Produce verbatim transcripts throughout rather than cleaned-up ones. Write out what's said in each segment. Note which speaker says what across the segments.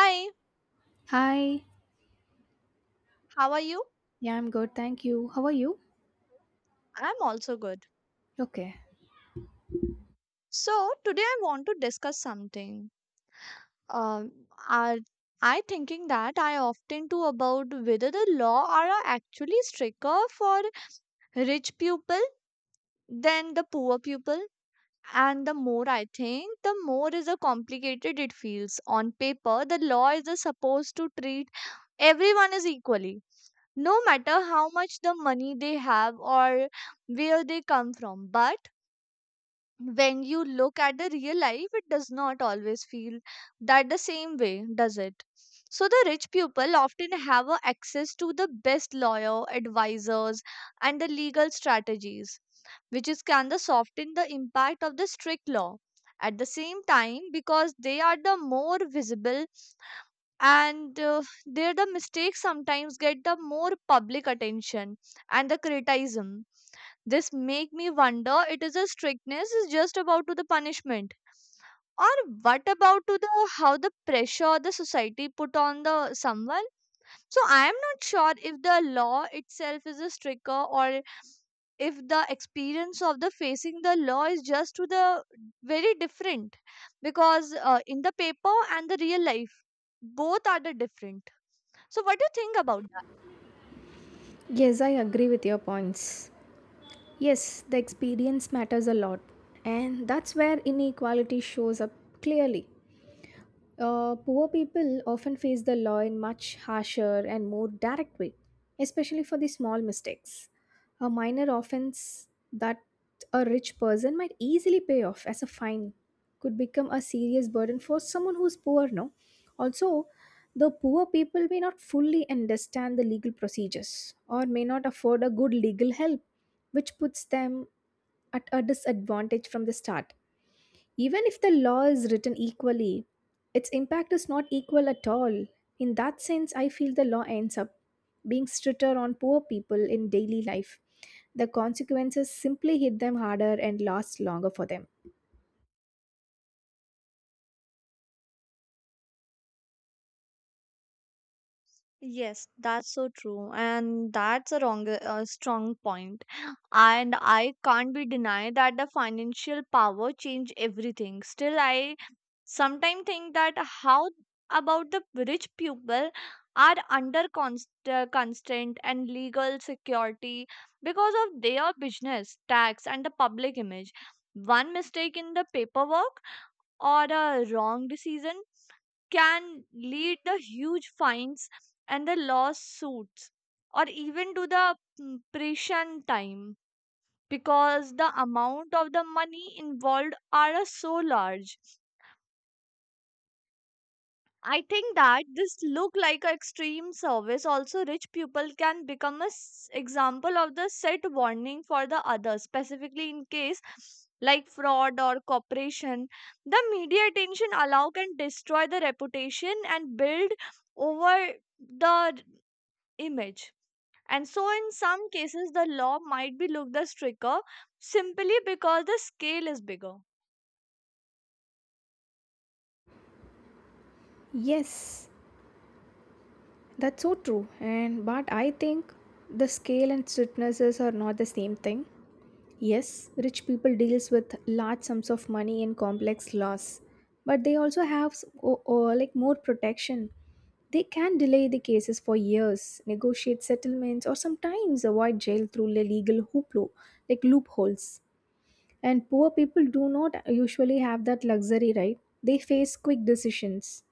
Speaker 1: Hi,
Speaker 2: Hi.
Speaker 1: how are you?
Speaker 2: Yeah, I'm good. Thank you. How are you?
Speaker 1: I'm also good.
Speaker 2: Okay.
Speaker 1: So, today I want to discuss something. Um, are I thinking that I often do about whether the law are a actually stricter for rich people than the poor people. And the more I think, the more is a complicated it feels. On paper, the law is a supposed to treat everyone as equally, no matter how much the money they have or where they come from. But when you look at the real life, it does not always feel that the same way, does it? So, the rich people often have a access to the best lawyer, advisors, and the legal strategies, which is can the soften the impact of the strict law. At the same time, because they are the more visible and uh, their the mistakes sometimes get the more public attention and the criticism. This make me wonder it is a strictness is just about to the punishment, or what about to the how the pressure the society put on the someone. So I am not sure if the law itself is a stricter, or if the experience of the facing the law is just to the very different, because uh, in the paper and the real life both are the different. So what do you think about?
Speaker 2: Yes, I agree with your points. Yes, the experience matters a lot, and that's where inequality shows up clearly. Uh, poor people often face the law in much harsher and more direct way, especially for the small mistakes. A minor offense that a rich person might easily pay off as a fine could become a serious burden for someone who's poor, no? Also, the poor people may not fully understand the legal procedures or may not afford a good legal help, which puts them at a disadvantage from the start. Even if the law is written equally, its impact is not equal at all. In that sense, I feel the law ends up being stricter on poor people in daily life. The consequences simply hit them harder and last longer for them.
Speaker 1: Yes, that's so true, and that's a wrong, a strong point. And I can't be denied that the financial power change everything. Still, I sometimes think that how about the rich people are under const, uh, constant and legal security because of their business, tax, and the public image. One mistake in the paperwork or a wrong decision can lead the huge fines and the lawsuits, or even to the mm, prison time, because the amount of the money involved are uh, so large. I think that this look like a extreme service, also rich people can become a s- example of the set warning for the others specifically in case like fraud or corporation. The media attention allow can destroy the reputation and build over the r- image. And so in some cases the law might be looked as stricter simply because the scale is bigger.
Speaker 2: Yes, that's so true. And but I think the scale and strictnesses are not the same thing. Yes, rich people deals with large sums of money and complex laws, but they also have s- o- o- like more protection. They can delay the cases for years, negotiate settlements, or sometimes avoid jail through the legal hooplo, like loopholes. And poor people do not usually have that luxury, right? They face quick decisions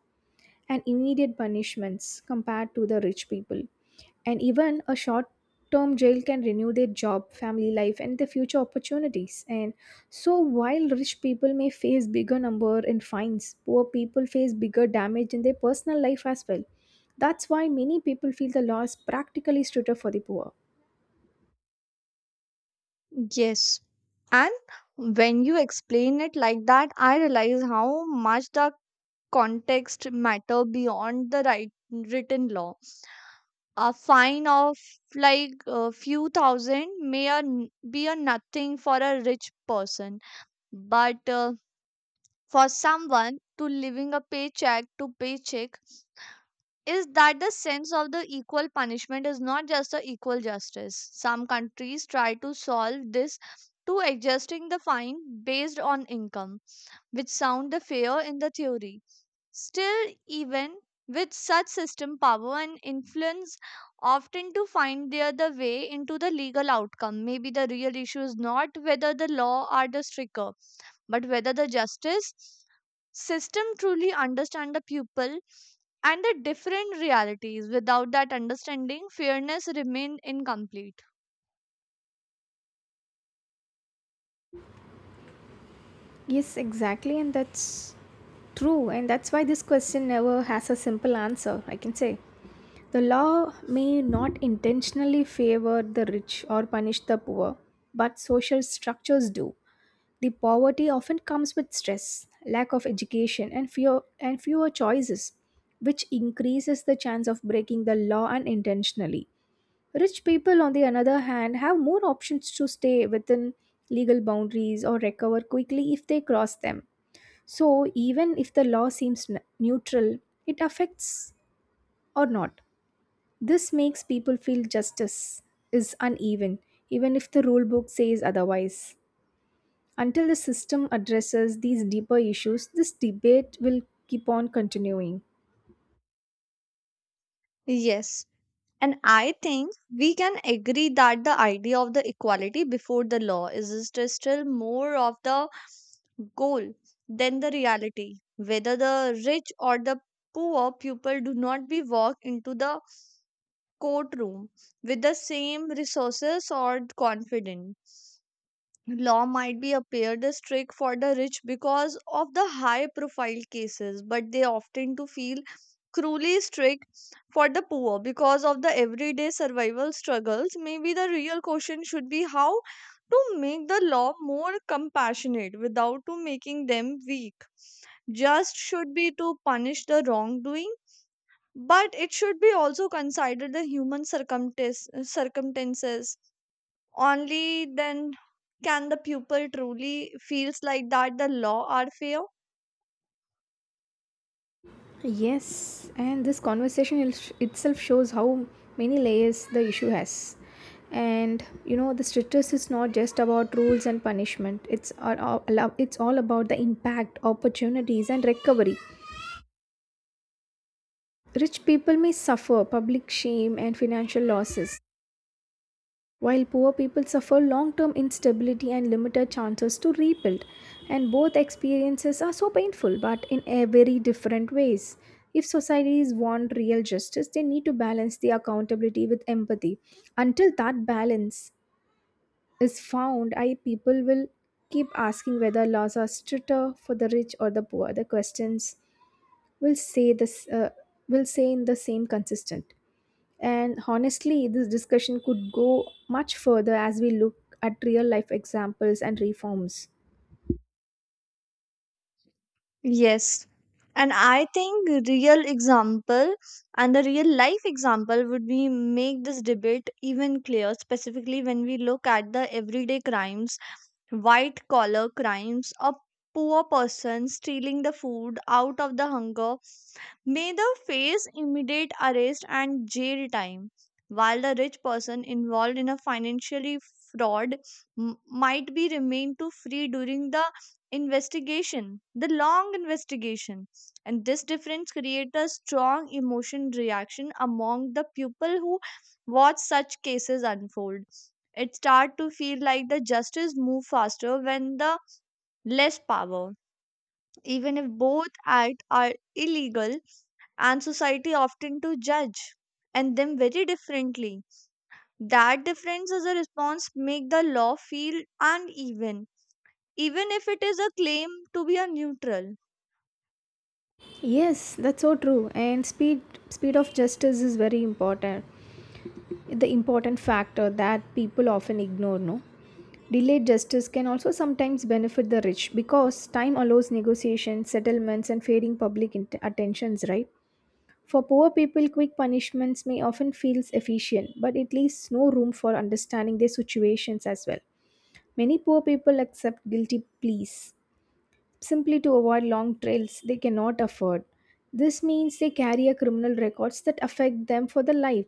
Speaker 2: and immediate punishments compared to the rich people. And even a short term jail can renew their job, family life, and the future opportunities. And so, while rich people may face bigger number in fines, poor people face bigger damage in their personal life as well. That's why many people feel the law is practically stricter for the poor.
Speaker 1: Yes. And when you explain it like that, I realize how much the context matter beyond the right written law. A fine of like a few thousand may a n- be a nothing for a rich person, but uh, for someone to living a paycheck to paycheck, is that the sense of the equal punishment is not just a equal justice. Some countries try to solve this to adjusting the fine based on income, which sound the fair in the theory. Still, even with such system, power and influence often to find their the way into the legal outcome. Maybe the real issue is not whether the law are the stricter, but whether the justice system truly understand the pupil and the different realities. Without that understanding, fairness remain incomplete.
Speaker 2: Yes, exactly, and that's true, and that's why this question never has a simple answer, I can say. The law may not intentionally favor the rich or punish the poor, but social structures do. The poverty often comes with stress, lack of education, and fewer and fewer choices, which increases the chance of breaking the law unintentionally. Rich people, on the other hand, have more options to stay within legal boundaries or recover quickly if they cross them. So, even if the law seems n- neutral, it affects or not. This makes people feel justice is uneven, even if the rule book says otherwise. Until the system addresses these deeper issues, this debate will keep on continuing.
Speaker 1: Yes, and I think we can agree that the idea of the equality before the law is st- still more of the goal than the reality. Whether the rich or the poor people do not be walk into the courtroom with the same resources or confidence, law might be appeared as strict for the rich because of the high profile cases, but they often to feel cruelly strict for the poor because of the everyday survival struggles. Maybe the real question should be how to make the law more compassionate without to making them weak. Just should be to punish the wrongdoing, but it should be also consider the human circumstances circumstances. Only then can the pupil truly feels like that the law are fair.
Speaker 2: Yes, and this conversation il- itself shows how many layers the issue has. And you know, the strictness is not just about rules and punishment. It's all, all- it's all about the impact, opportunities, and recovery. Rich people may suffer public shame and financial losses, while poor people suffer long term instability and limited chances to rebuild. And both experiences are so painful, but in a very different ways. If societies want real justice, they need to balance the accountability with empathy. Until that balance is found, I people will keep asking whether laws are stricter for the rich or the poor. The questions will say this uh, will say in the same consistent. And honestly, this discussion could go much further as we look at real life examples and reforms.
Speaker 1: Yes. And I think real example and the real life example would be make this debate even clear, specifically when we look at the everyday crimes, white collar crimes. A poor person stealing the food out of the hunger may the face immediate arrest and jail time, while the rich person involved in a financially fraud m- might be remained to free during the investigation, the long investigation. And this difference creates a strong emotion reaction among the people who watch such cases unfold. It start to feel like the justice move faster when the less power, even if both act are illegal, and society often to judge and them very differently. That difference as a response make the law feel uneven, even if it is a claim to be a neutral.
Speaker 2: Yes, that's so true. And speed speed of justice is very important. The important factor that people often ignore, no? Delayed justice can also sometimes benefit the rich because time allows negotiations, settlements and fading public int- attentions, right? For poor people, quick punishments may often feel efficient, but it leaves no room for understanding their situations as well. Many poor people accept guilty pleas simply to avoid long trails they cannot afford. This means they carry a criminal records that affect them for the life.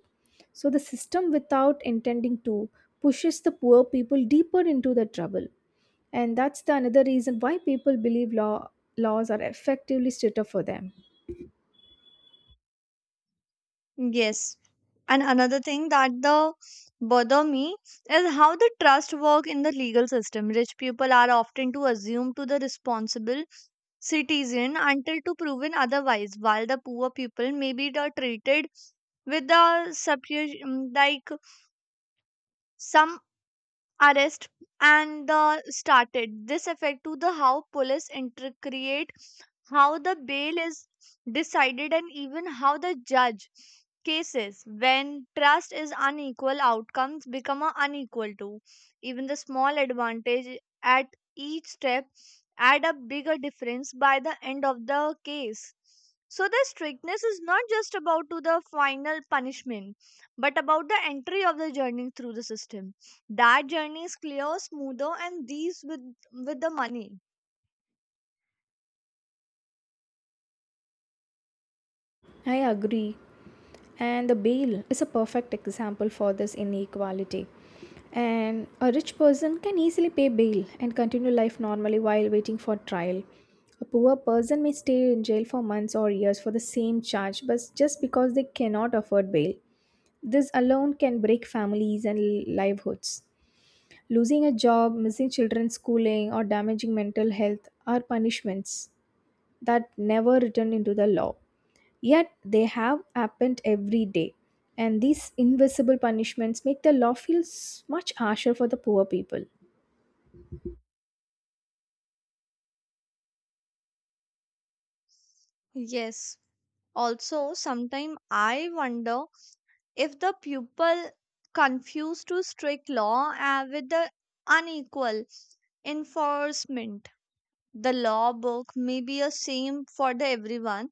Speaker 2: So the system without intending to pushes the poor people deeper into the trouble. And that's the another reason why people believe law laws are effectively stricter for them.
Speaker 1: Yes, and another thing that the bother me is how the trust work in the legal system. Rich people are often to assume to the responsible citizen until to proven otherwise, while the poor people may be the treated with the superior, like some arrest, and the started this effect to the how police intercreate, how the bail is decided, and even how the judge cases. When trust is unequal, outcomes become a unequal too. Even the small advantage at each step add a bigger difference by the end of the case. So the strictness is not just about to the final punishment, but about the entry of the journey through the system. That journey is clear smoother and these with with the money.
Speaker 2: I agree. And the bail is a perfect example for this inequality. And a rich person can easily pay bail and continue life normally while waiting for trial. A poor person may stay in jail for months or years for the same charge, but just because they cannot afford bail. This alone can break families and livelihoods. Losing a job, missing children's schooling, or damaging mental health are punishments that never return into the law. Yet they have happened every day. And these invisible punishments make the law feel s- much harsher for the poor people.
Speaker 1: Yes, also sometimes I wonder if the people confuse to strict law uh, with the unequal enforcement. The law book may be a same for the everyone,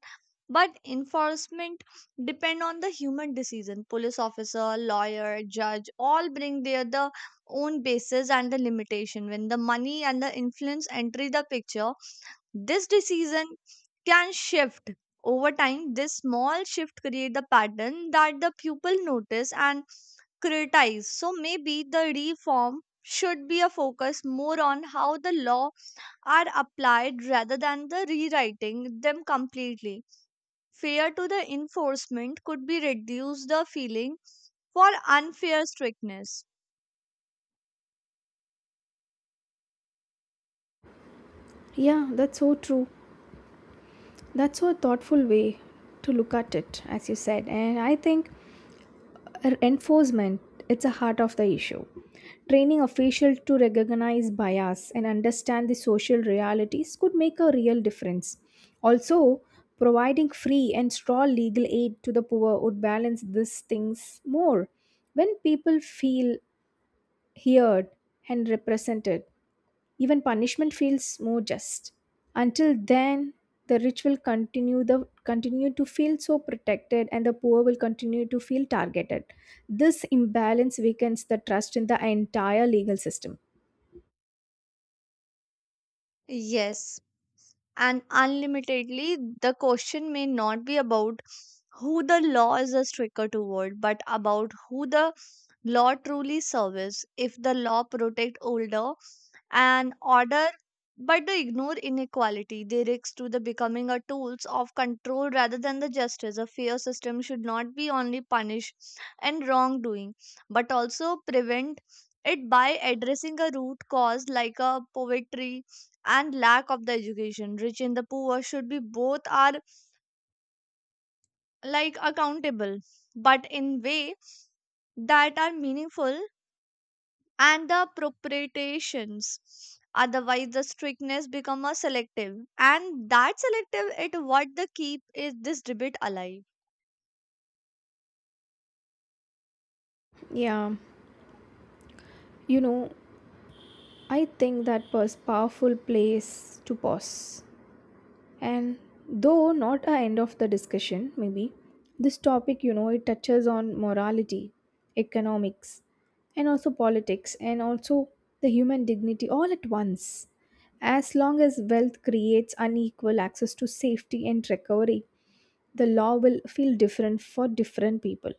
Speaker 1: but enforcement depend on the human decision. Police officer, lawyer, judge all bring their the own basis and the limitation when the money and the influence enter the picture. This decision can shift over time. This small shift create the pattern that the pupil notice and criticize. So maybe the reform should be a focus more on how the law are applied rather than the rewriting them completely. Fear to the enforcement could be reduced the feeling for unfair strictness.
Speaker 2: Yeah, that's so true. That's so thoughtful way to look at it, as you said. And I think Enforcement, it's a heart of the issue. Training officials to recognize bias and understand the social realities could make a real difference. Also, providing free and strong legal aid to the poor would balance these things more. When people feel heard and represented, even punishment feels more just. Until then, the rich will continue the continue to feel so protected and the poor will continue to feel targeted. This imbalance weakens the trust in the entire legal system.
Speaker 1: Yes, and unlimitedly, the question may not be about who the law is a stricter toward, but about who the law truly serves. If the law protect older and order, but they ignore inequality, they risk to the becoming a tools of control rather than the justice. A fair system should not be only punish and wrongdoing, but also prevent it by addressing a root cause like a poverty and lack of the education. Rich and the poor should be both are like accountable, but in way that are meaningful and the appropriations. Otherwise the strictness become a selective, and that selective it what the keep is this debate alive.
Speaker 2: Yeah, you know, I think that was powerful place to pause. And though not a end of the discussion maybe this topic, you know, it touches on morality, economics, and also politics and also the human dignity all at once. As long as wealth creates unequal access to safety and recovery, the law will feel different for different people.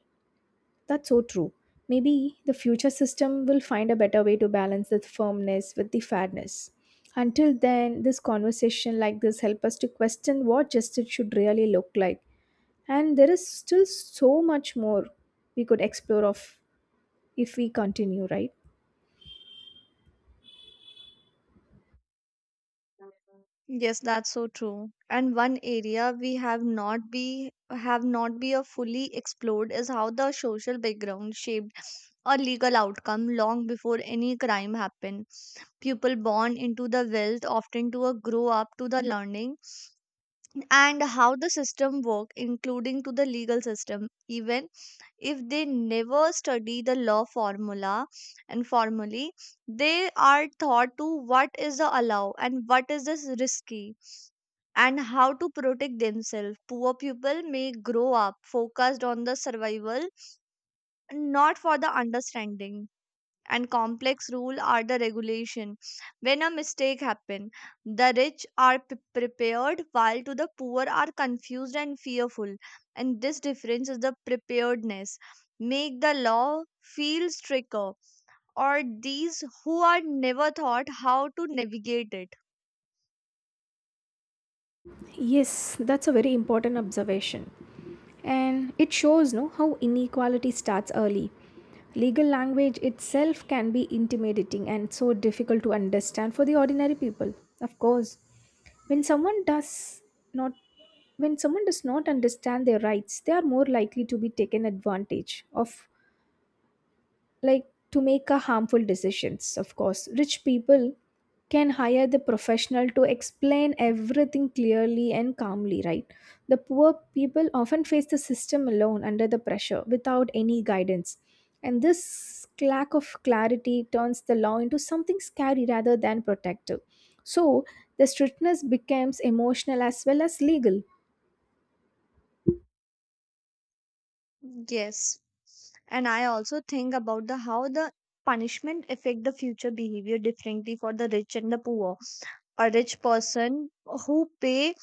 Speaker 2: That's so true. Maybe the future system will find a better way to balance the firmness with the fairness. Until then, this conversation like this help us to question what justice should really look like. And there is still so much more we could explore of if we continue, right?
Speaker 1: Yes, that's so true, and one area we have not be have not be a fully explored is how the social background shaped a legal outcome long before any crime happened. People born into the wealth often to a grow up to the learning and how the system work, including to the legal system, even if they never study the law formula and formally. They are taught to what is the allow and what is this risky and how to protect themselves. Poor people may grow up focused on the survival, not for the understanding and complex rule are the regulation. When a mistake happen, the rich are p- prepared, while to the poor are confused and fearful, and this difference is the preparedness make the law feel stricter or these who are never thought how to navigate it.
Speaker 2: Yes, that's a very important observation. And it shows no how inequality starts early. Legal language itself can be intimidating and so difficult to understand for the ordinary people. Of course, when someone does not when someone does not understand their rights, they are more likely to be taken advantage of, like to make a harmful decisions. Of course, rich people can hire the professional to explain everything clearly and calmly, right? The poor people often face the system alone under the pressure without any guidance, and this lack of clarity turns the law into something scary rather than protective. So the strictness becomes emotional as well as legal.
Speaker 1: Yes, and I also think about the how the punishment affect the future behavior differently for the rich and the poor. A rich person who pay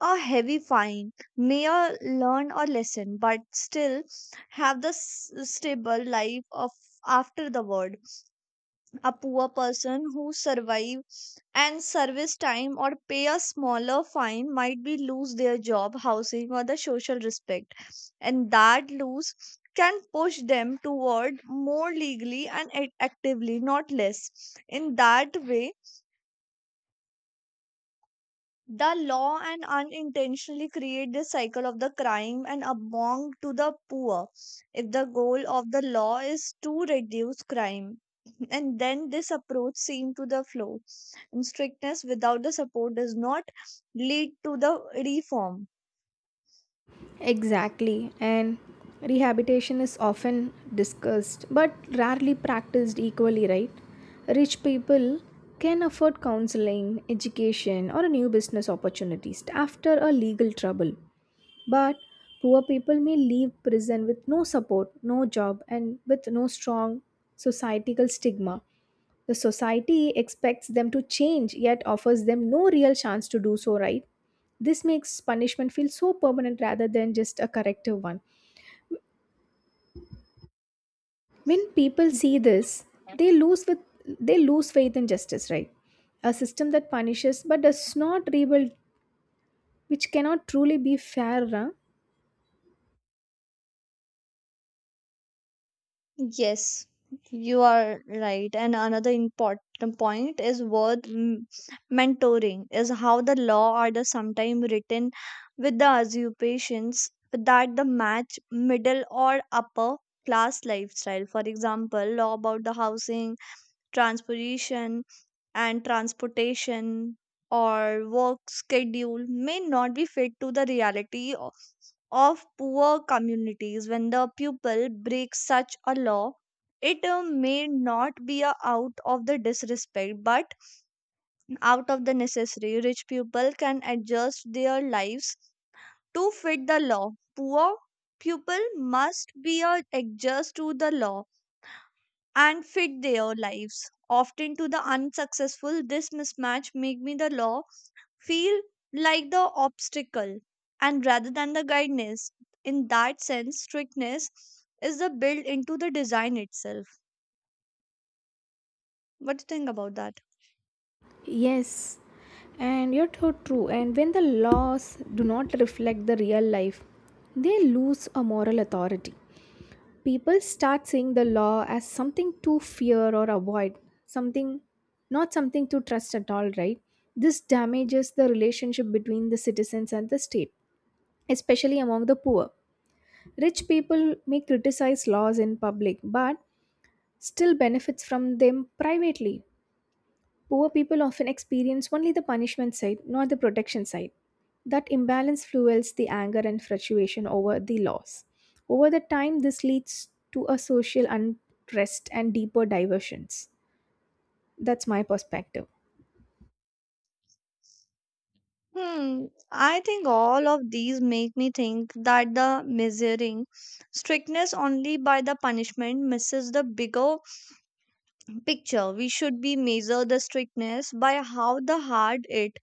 Speaker 1: a heavy fine may uh, learn a lesson, but still have the s- stable life of after the word. A poor person who survive and service time or pay a smaller fine might be lose their job, housing, or the social respect, and that lose can push them toward more legally and act- actively, not less. In that way, the law and unintentionally create this cycle of the crime and among to the poor. If the goal of the law is to reduce crime, and then this approach seem to the flow, and strictness without the support does not lead to the reform.
Speaker 2: Exactly, and rehabilitation is often discussed but rarely practiced equally, right? Rich people can afford counseling, education, or new business opportunities after a legal trouble, but poor people may leave prison with no support, no job, and with no strong societal stigma. The society expects them to change yet offers them no real chance to do so, right? This makes punishment feel so permanent rather than just a corrective one. When people see this, they lose with they lose faith in justice, right? A system that punishes but does not rebuild, which cannot truly be fair. Huh?
Speaker 1: Yes, you are right. And another important point is worth m- mentoring is how the law order sometimes written with the usurpations that the match middle or upper class lifestyle. For example, law about the housing transportation and transportation or work schedule may not be fit to the reality of, of poor communities when the pupil breaks such a law. It uh, may not be a out of the disrespect, but out of the necessary. Rich people can adjust their lives to fit the law. Poor pupil must be uh, adjust to the law and fit their lives, often to the unsuccessful. This mismatch make me the law feel like the obstacle, and rather than the guidance. In that sense, strictness is the built into the design itself. What do you think about that?
Speaker 2: Yes, and you're so true. And when the laws do not reflect the real life, they lose a moral authority. People start seeing the law as something to fear or avoid, something not something to trust at all, right? This damages the relationship between the citizens and the state, especially among the poor. Rich people may criticize laws in public but still benefits from them privately. Poor people often experience only the punishment side, not the protection side. That imbalance fuels the anger and frustration over the loss. Over the time, this leads to a social unrest and deeper diversions. That's my perspective.
Speaker 1: Hmm, I think all of these make me think that the measuring strictness only by the punishment misses the bigger picture. We should be measure the strictness by how the hard it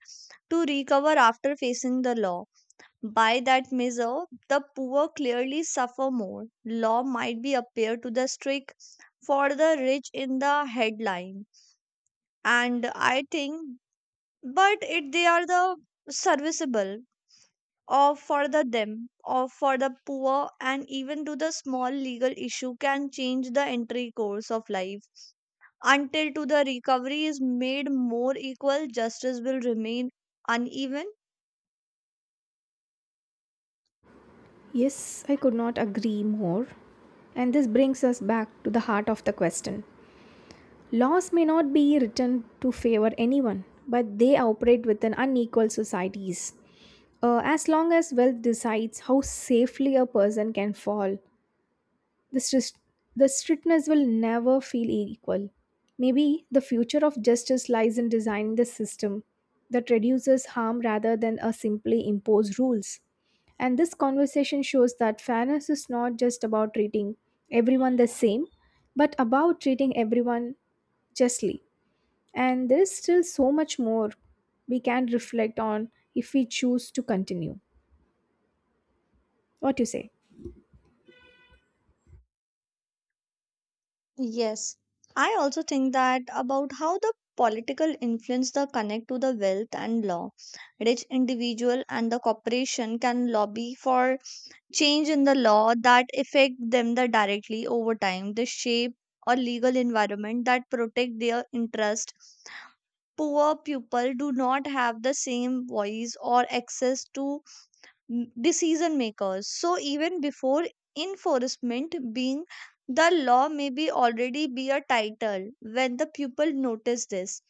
Speaker 1: to recover after facing the law. By that measure, the poor clearly suffer more. Law might be appear to the strict for the rich in the headline. And I think but it they are the serviceable or for the them or for the poor, and even to the small legal issue can change the entry course of life. Until to the recovery is made more equal, justice will remain uneven.
Speaker 2: Yes, I could not agree more. And this brings us back to the heart of the question. Laws may not be written to favor anyone, but they operate within unequal societies. Uh, as long as wealth decides how safely a person can fall, the, stris- the strictness will never feel equal. Maybe the future of justice lies in designing the system that reduces harm rather than a simply impose rules. And this conversation shows that fairness is not just about treating everyone the same, but about treating everyone justly. And there is still so much more we can reflect on if we choose to continue. What do you say?
Speaker 1: Yes, I also think that about how the political influence the connect to the wealth and law. Rich individual and the corporation can lobby for change in the law that affect them the directly over time. They shape a legal environment that protect their interest. Poor people do not have the same voice or access to m- decision makers. So even before enforcement being, the law may be already be a title. When the people notice this,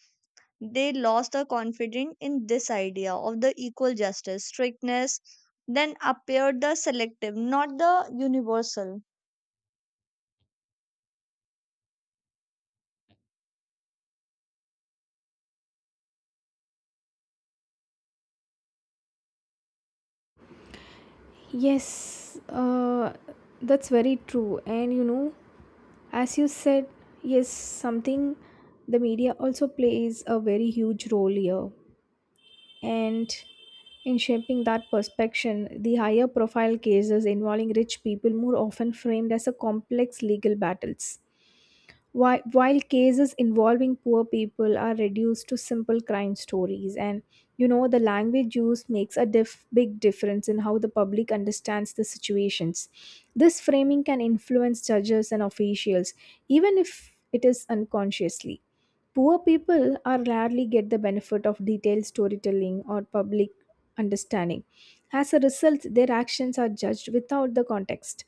Speaker 1: they lost the confidence in this idea of the equal justice. Strictness then appeared the selective, not the universal.
Speaker 2: Yes, uh, that's very true. And you know, as you said, yes, something the media also plays a very huge role here. And in shaping that perception, the higher profile cases involving rich people more often framed as a complex legal battles. Whi- while cases involving poor people are reduced to simple crime stories, and you know the language used makes a diff- big difference in how the public understands the situations. This framing can influence judges and officials, even if it is unconsciously. Poor people are rarely get the benefit of detailed storytelling or public understanding. As a result, their actions are judged without the context,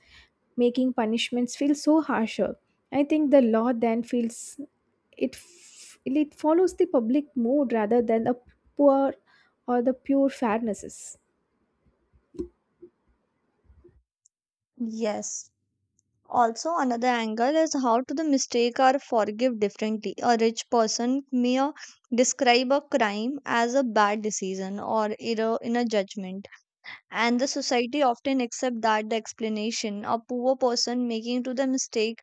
Speaker 2: making punishments feel so harsher. I think the law then feels it f- it follows the public mood rather than the poor or the pure fairnesses.
Speaker 1: Yes. Also, another angle is how to the mistake or forgive differently. A rich person may uh, describe a crime as a bad decision or error in a judgment, and the society often accept that the explanation. A poor person making to the mistake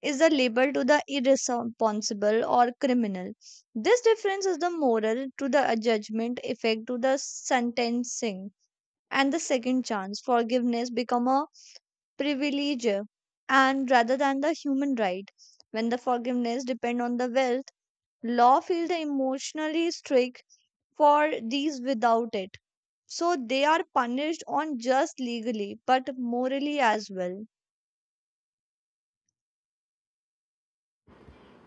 Speaker 1: is the label to the irresponsible or criminal. This difference is the moral to the judgment effect to the sentencing, and the second chance forgiveness become a privilege and rather than the human right. When the forgiveness depend on the wealth, law feels emotionally strict for these without it. So they are punished on just legally, but morally as well.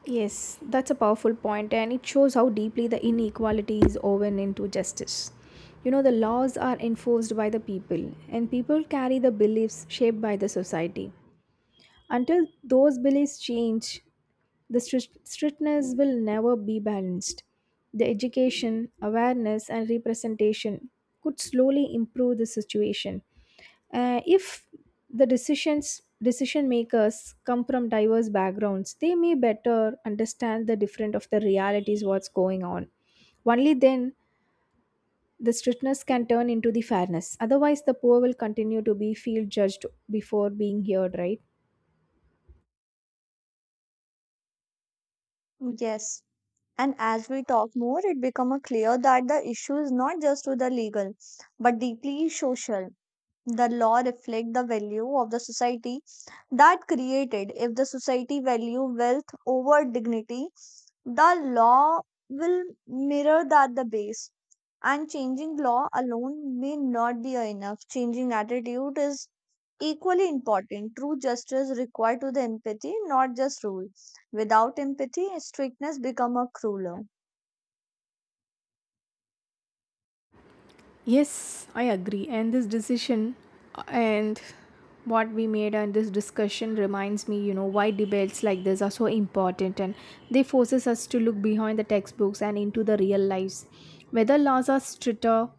Speaker 2: Yes, that's a powerful point, and it shows how deeply the inequality is woven into justice. You know, the laws are enforced by the people, and people carry the beliefs shaped by the society. Until those beliefs change, The strict- strictness will never be balanced. The education, awareness, and representation could slowly improve the situation. Uh, if the decisions decision makers come from diverse backgrounds, they may better understand the different of the realities what's going on. Only then the strictness can turn into the fairness. Otherwise, the poor will continue to be feel judged before being heard. Right?
Speaker 1: Yes. And as we talk more, it becomes clear that the issue is not just to the legal, but deeply social. The law reflect the value of the society that created. If the society value wealth over dignity, the law will mirror that the base, and changing law alone may not be enough. Changing attitude is equally important. True justice required to the empathy, not just rule. Without empathy, strictness become a crueler.
Speaker 2: Yes, I agree. And this decision uh, and what we made and this discussion reminds me, you know, why debates like this are so important, and they forces us to look behind the textbooks and into the real lives. Whether laws are stricter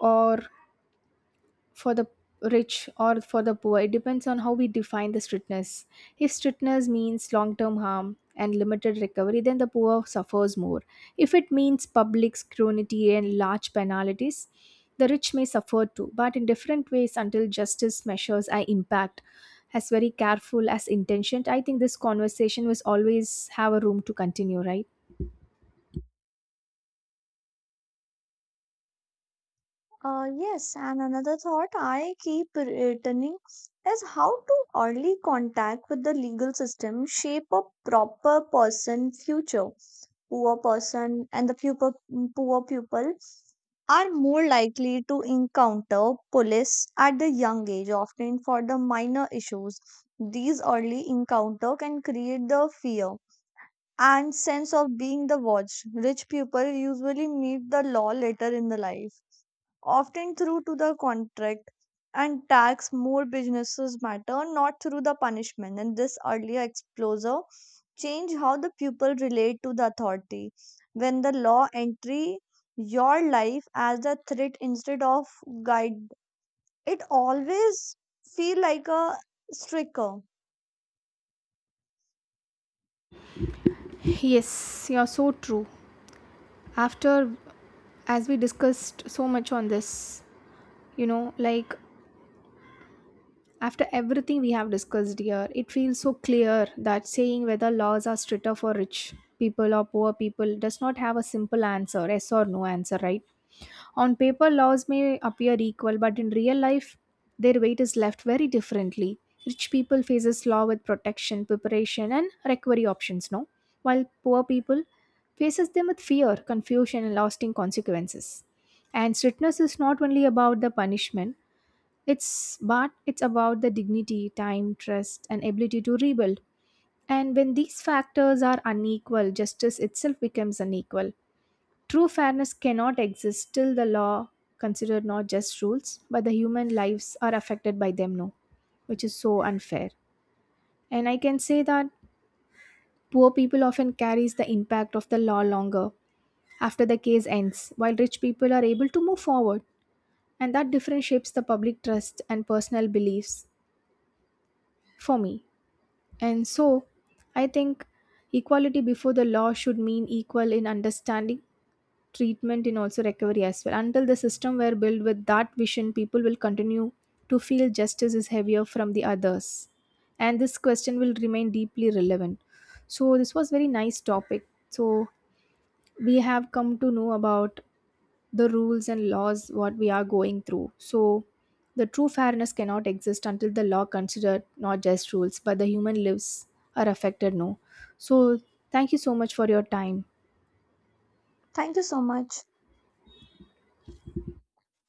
Speaker 2: or for the rich or for the poor. It depends on how we define the strictness. If strictness means long term harm and limited recovery, then the poor suffers more. If it means public scrutiny and large penalties, the rich may suffer too, but in different ways until justice measures are impact. As very careful as intentioned, I think this conversation was always have a room to continue, right?
Speaker 1: Uh, yes, and another thought I keep returning is how to early contact with the legal system shape a proper person future. Poor person and the pupil, poor pupil are more likely to encounter police at the young age, often for the minor issues. These early encounter can create the fear and sense of being the watch. Rich people usually meet the law later in the life, often through to the contract and tax more businesses matter, not through the punishment. And this earlier exposure change how the people relate to the authority. When the law entry your life as a threat instead of guide, it always feel like a striker.
Speaker 2: Yes, you're so true. After, as we discussed so much on this, you know, like after everything we have discussed here, it feels so clear that saying whether laws are stricter for rich people or poor people does not have a simple answer, yes or no answer, right? On paper, laws may appear equal, but in real life, their weight is left very differently. Rich people faces law with protection, preparation, and recovery options, no? While poor people faces them with fear, confusion, and lasting consequences. And strictness is not only about the punishment, it's but it's about the dignity, time, trust, and ability to rebuild. And when these factors are unequal, justice itself becomes unequal. True fairness cannot exist till the law considered not just rules, but the human lives are affected by them, no, which is so unfair. And I can say that poor people often carries the impact of the law longer after the case ends, while rich people are able to move forward. And that different shapes the public trust and personal beliefs for me. And so, I think equality before the law should mean equal in understanding, treatment, and also recovery as well. Until the system were built with that vision, people will continue to feel justice is heavier from the others. And this question will remain deeply relevant. So, this was very nice topic. So, we have come to know about the rules and laws what we are going through. So the true fairness cannot exist until the law considered not just rules but the human lives are affected, no. So thank you so much for your time.
Speaker 1: Thank you so much.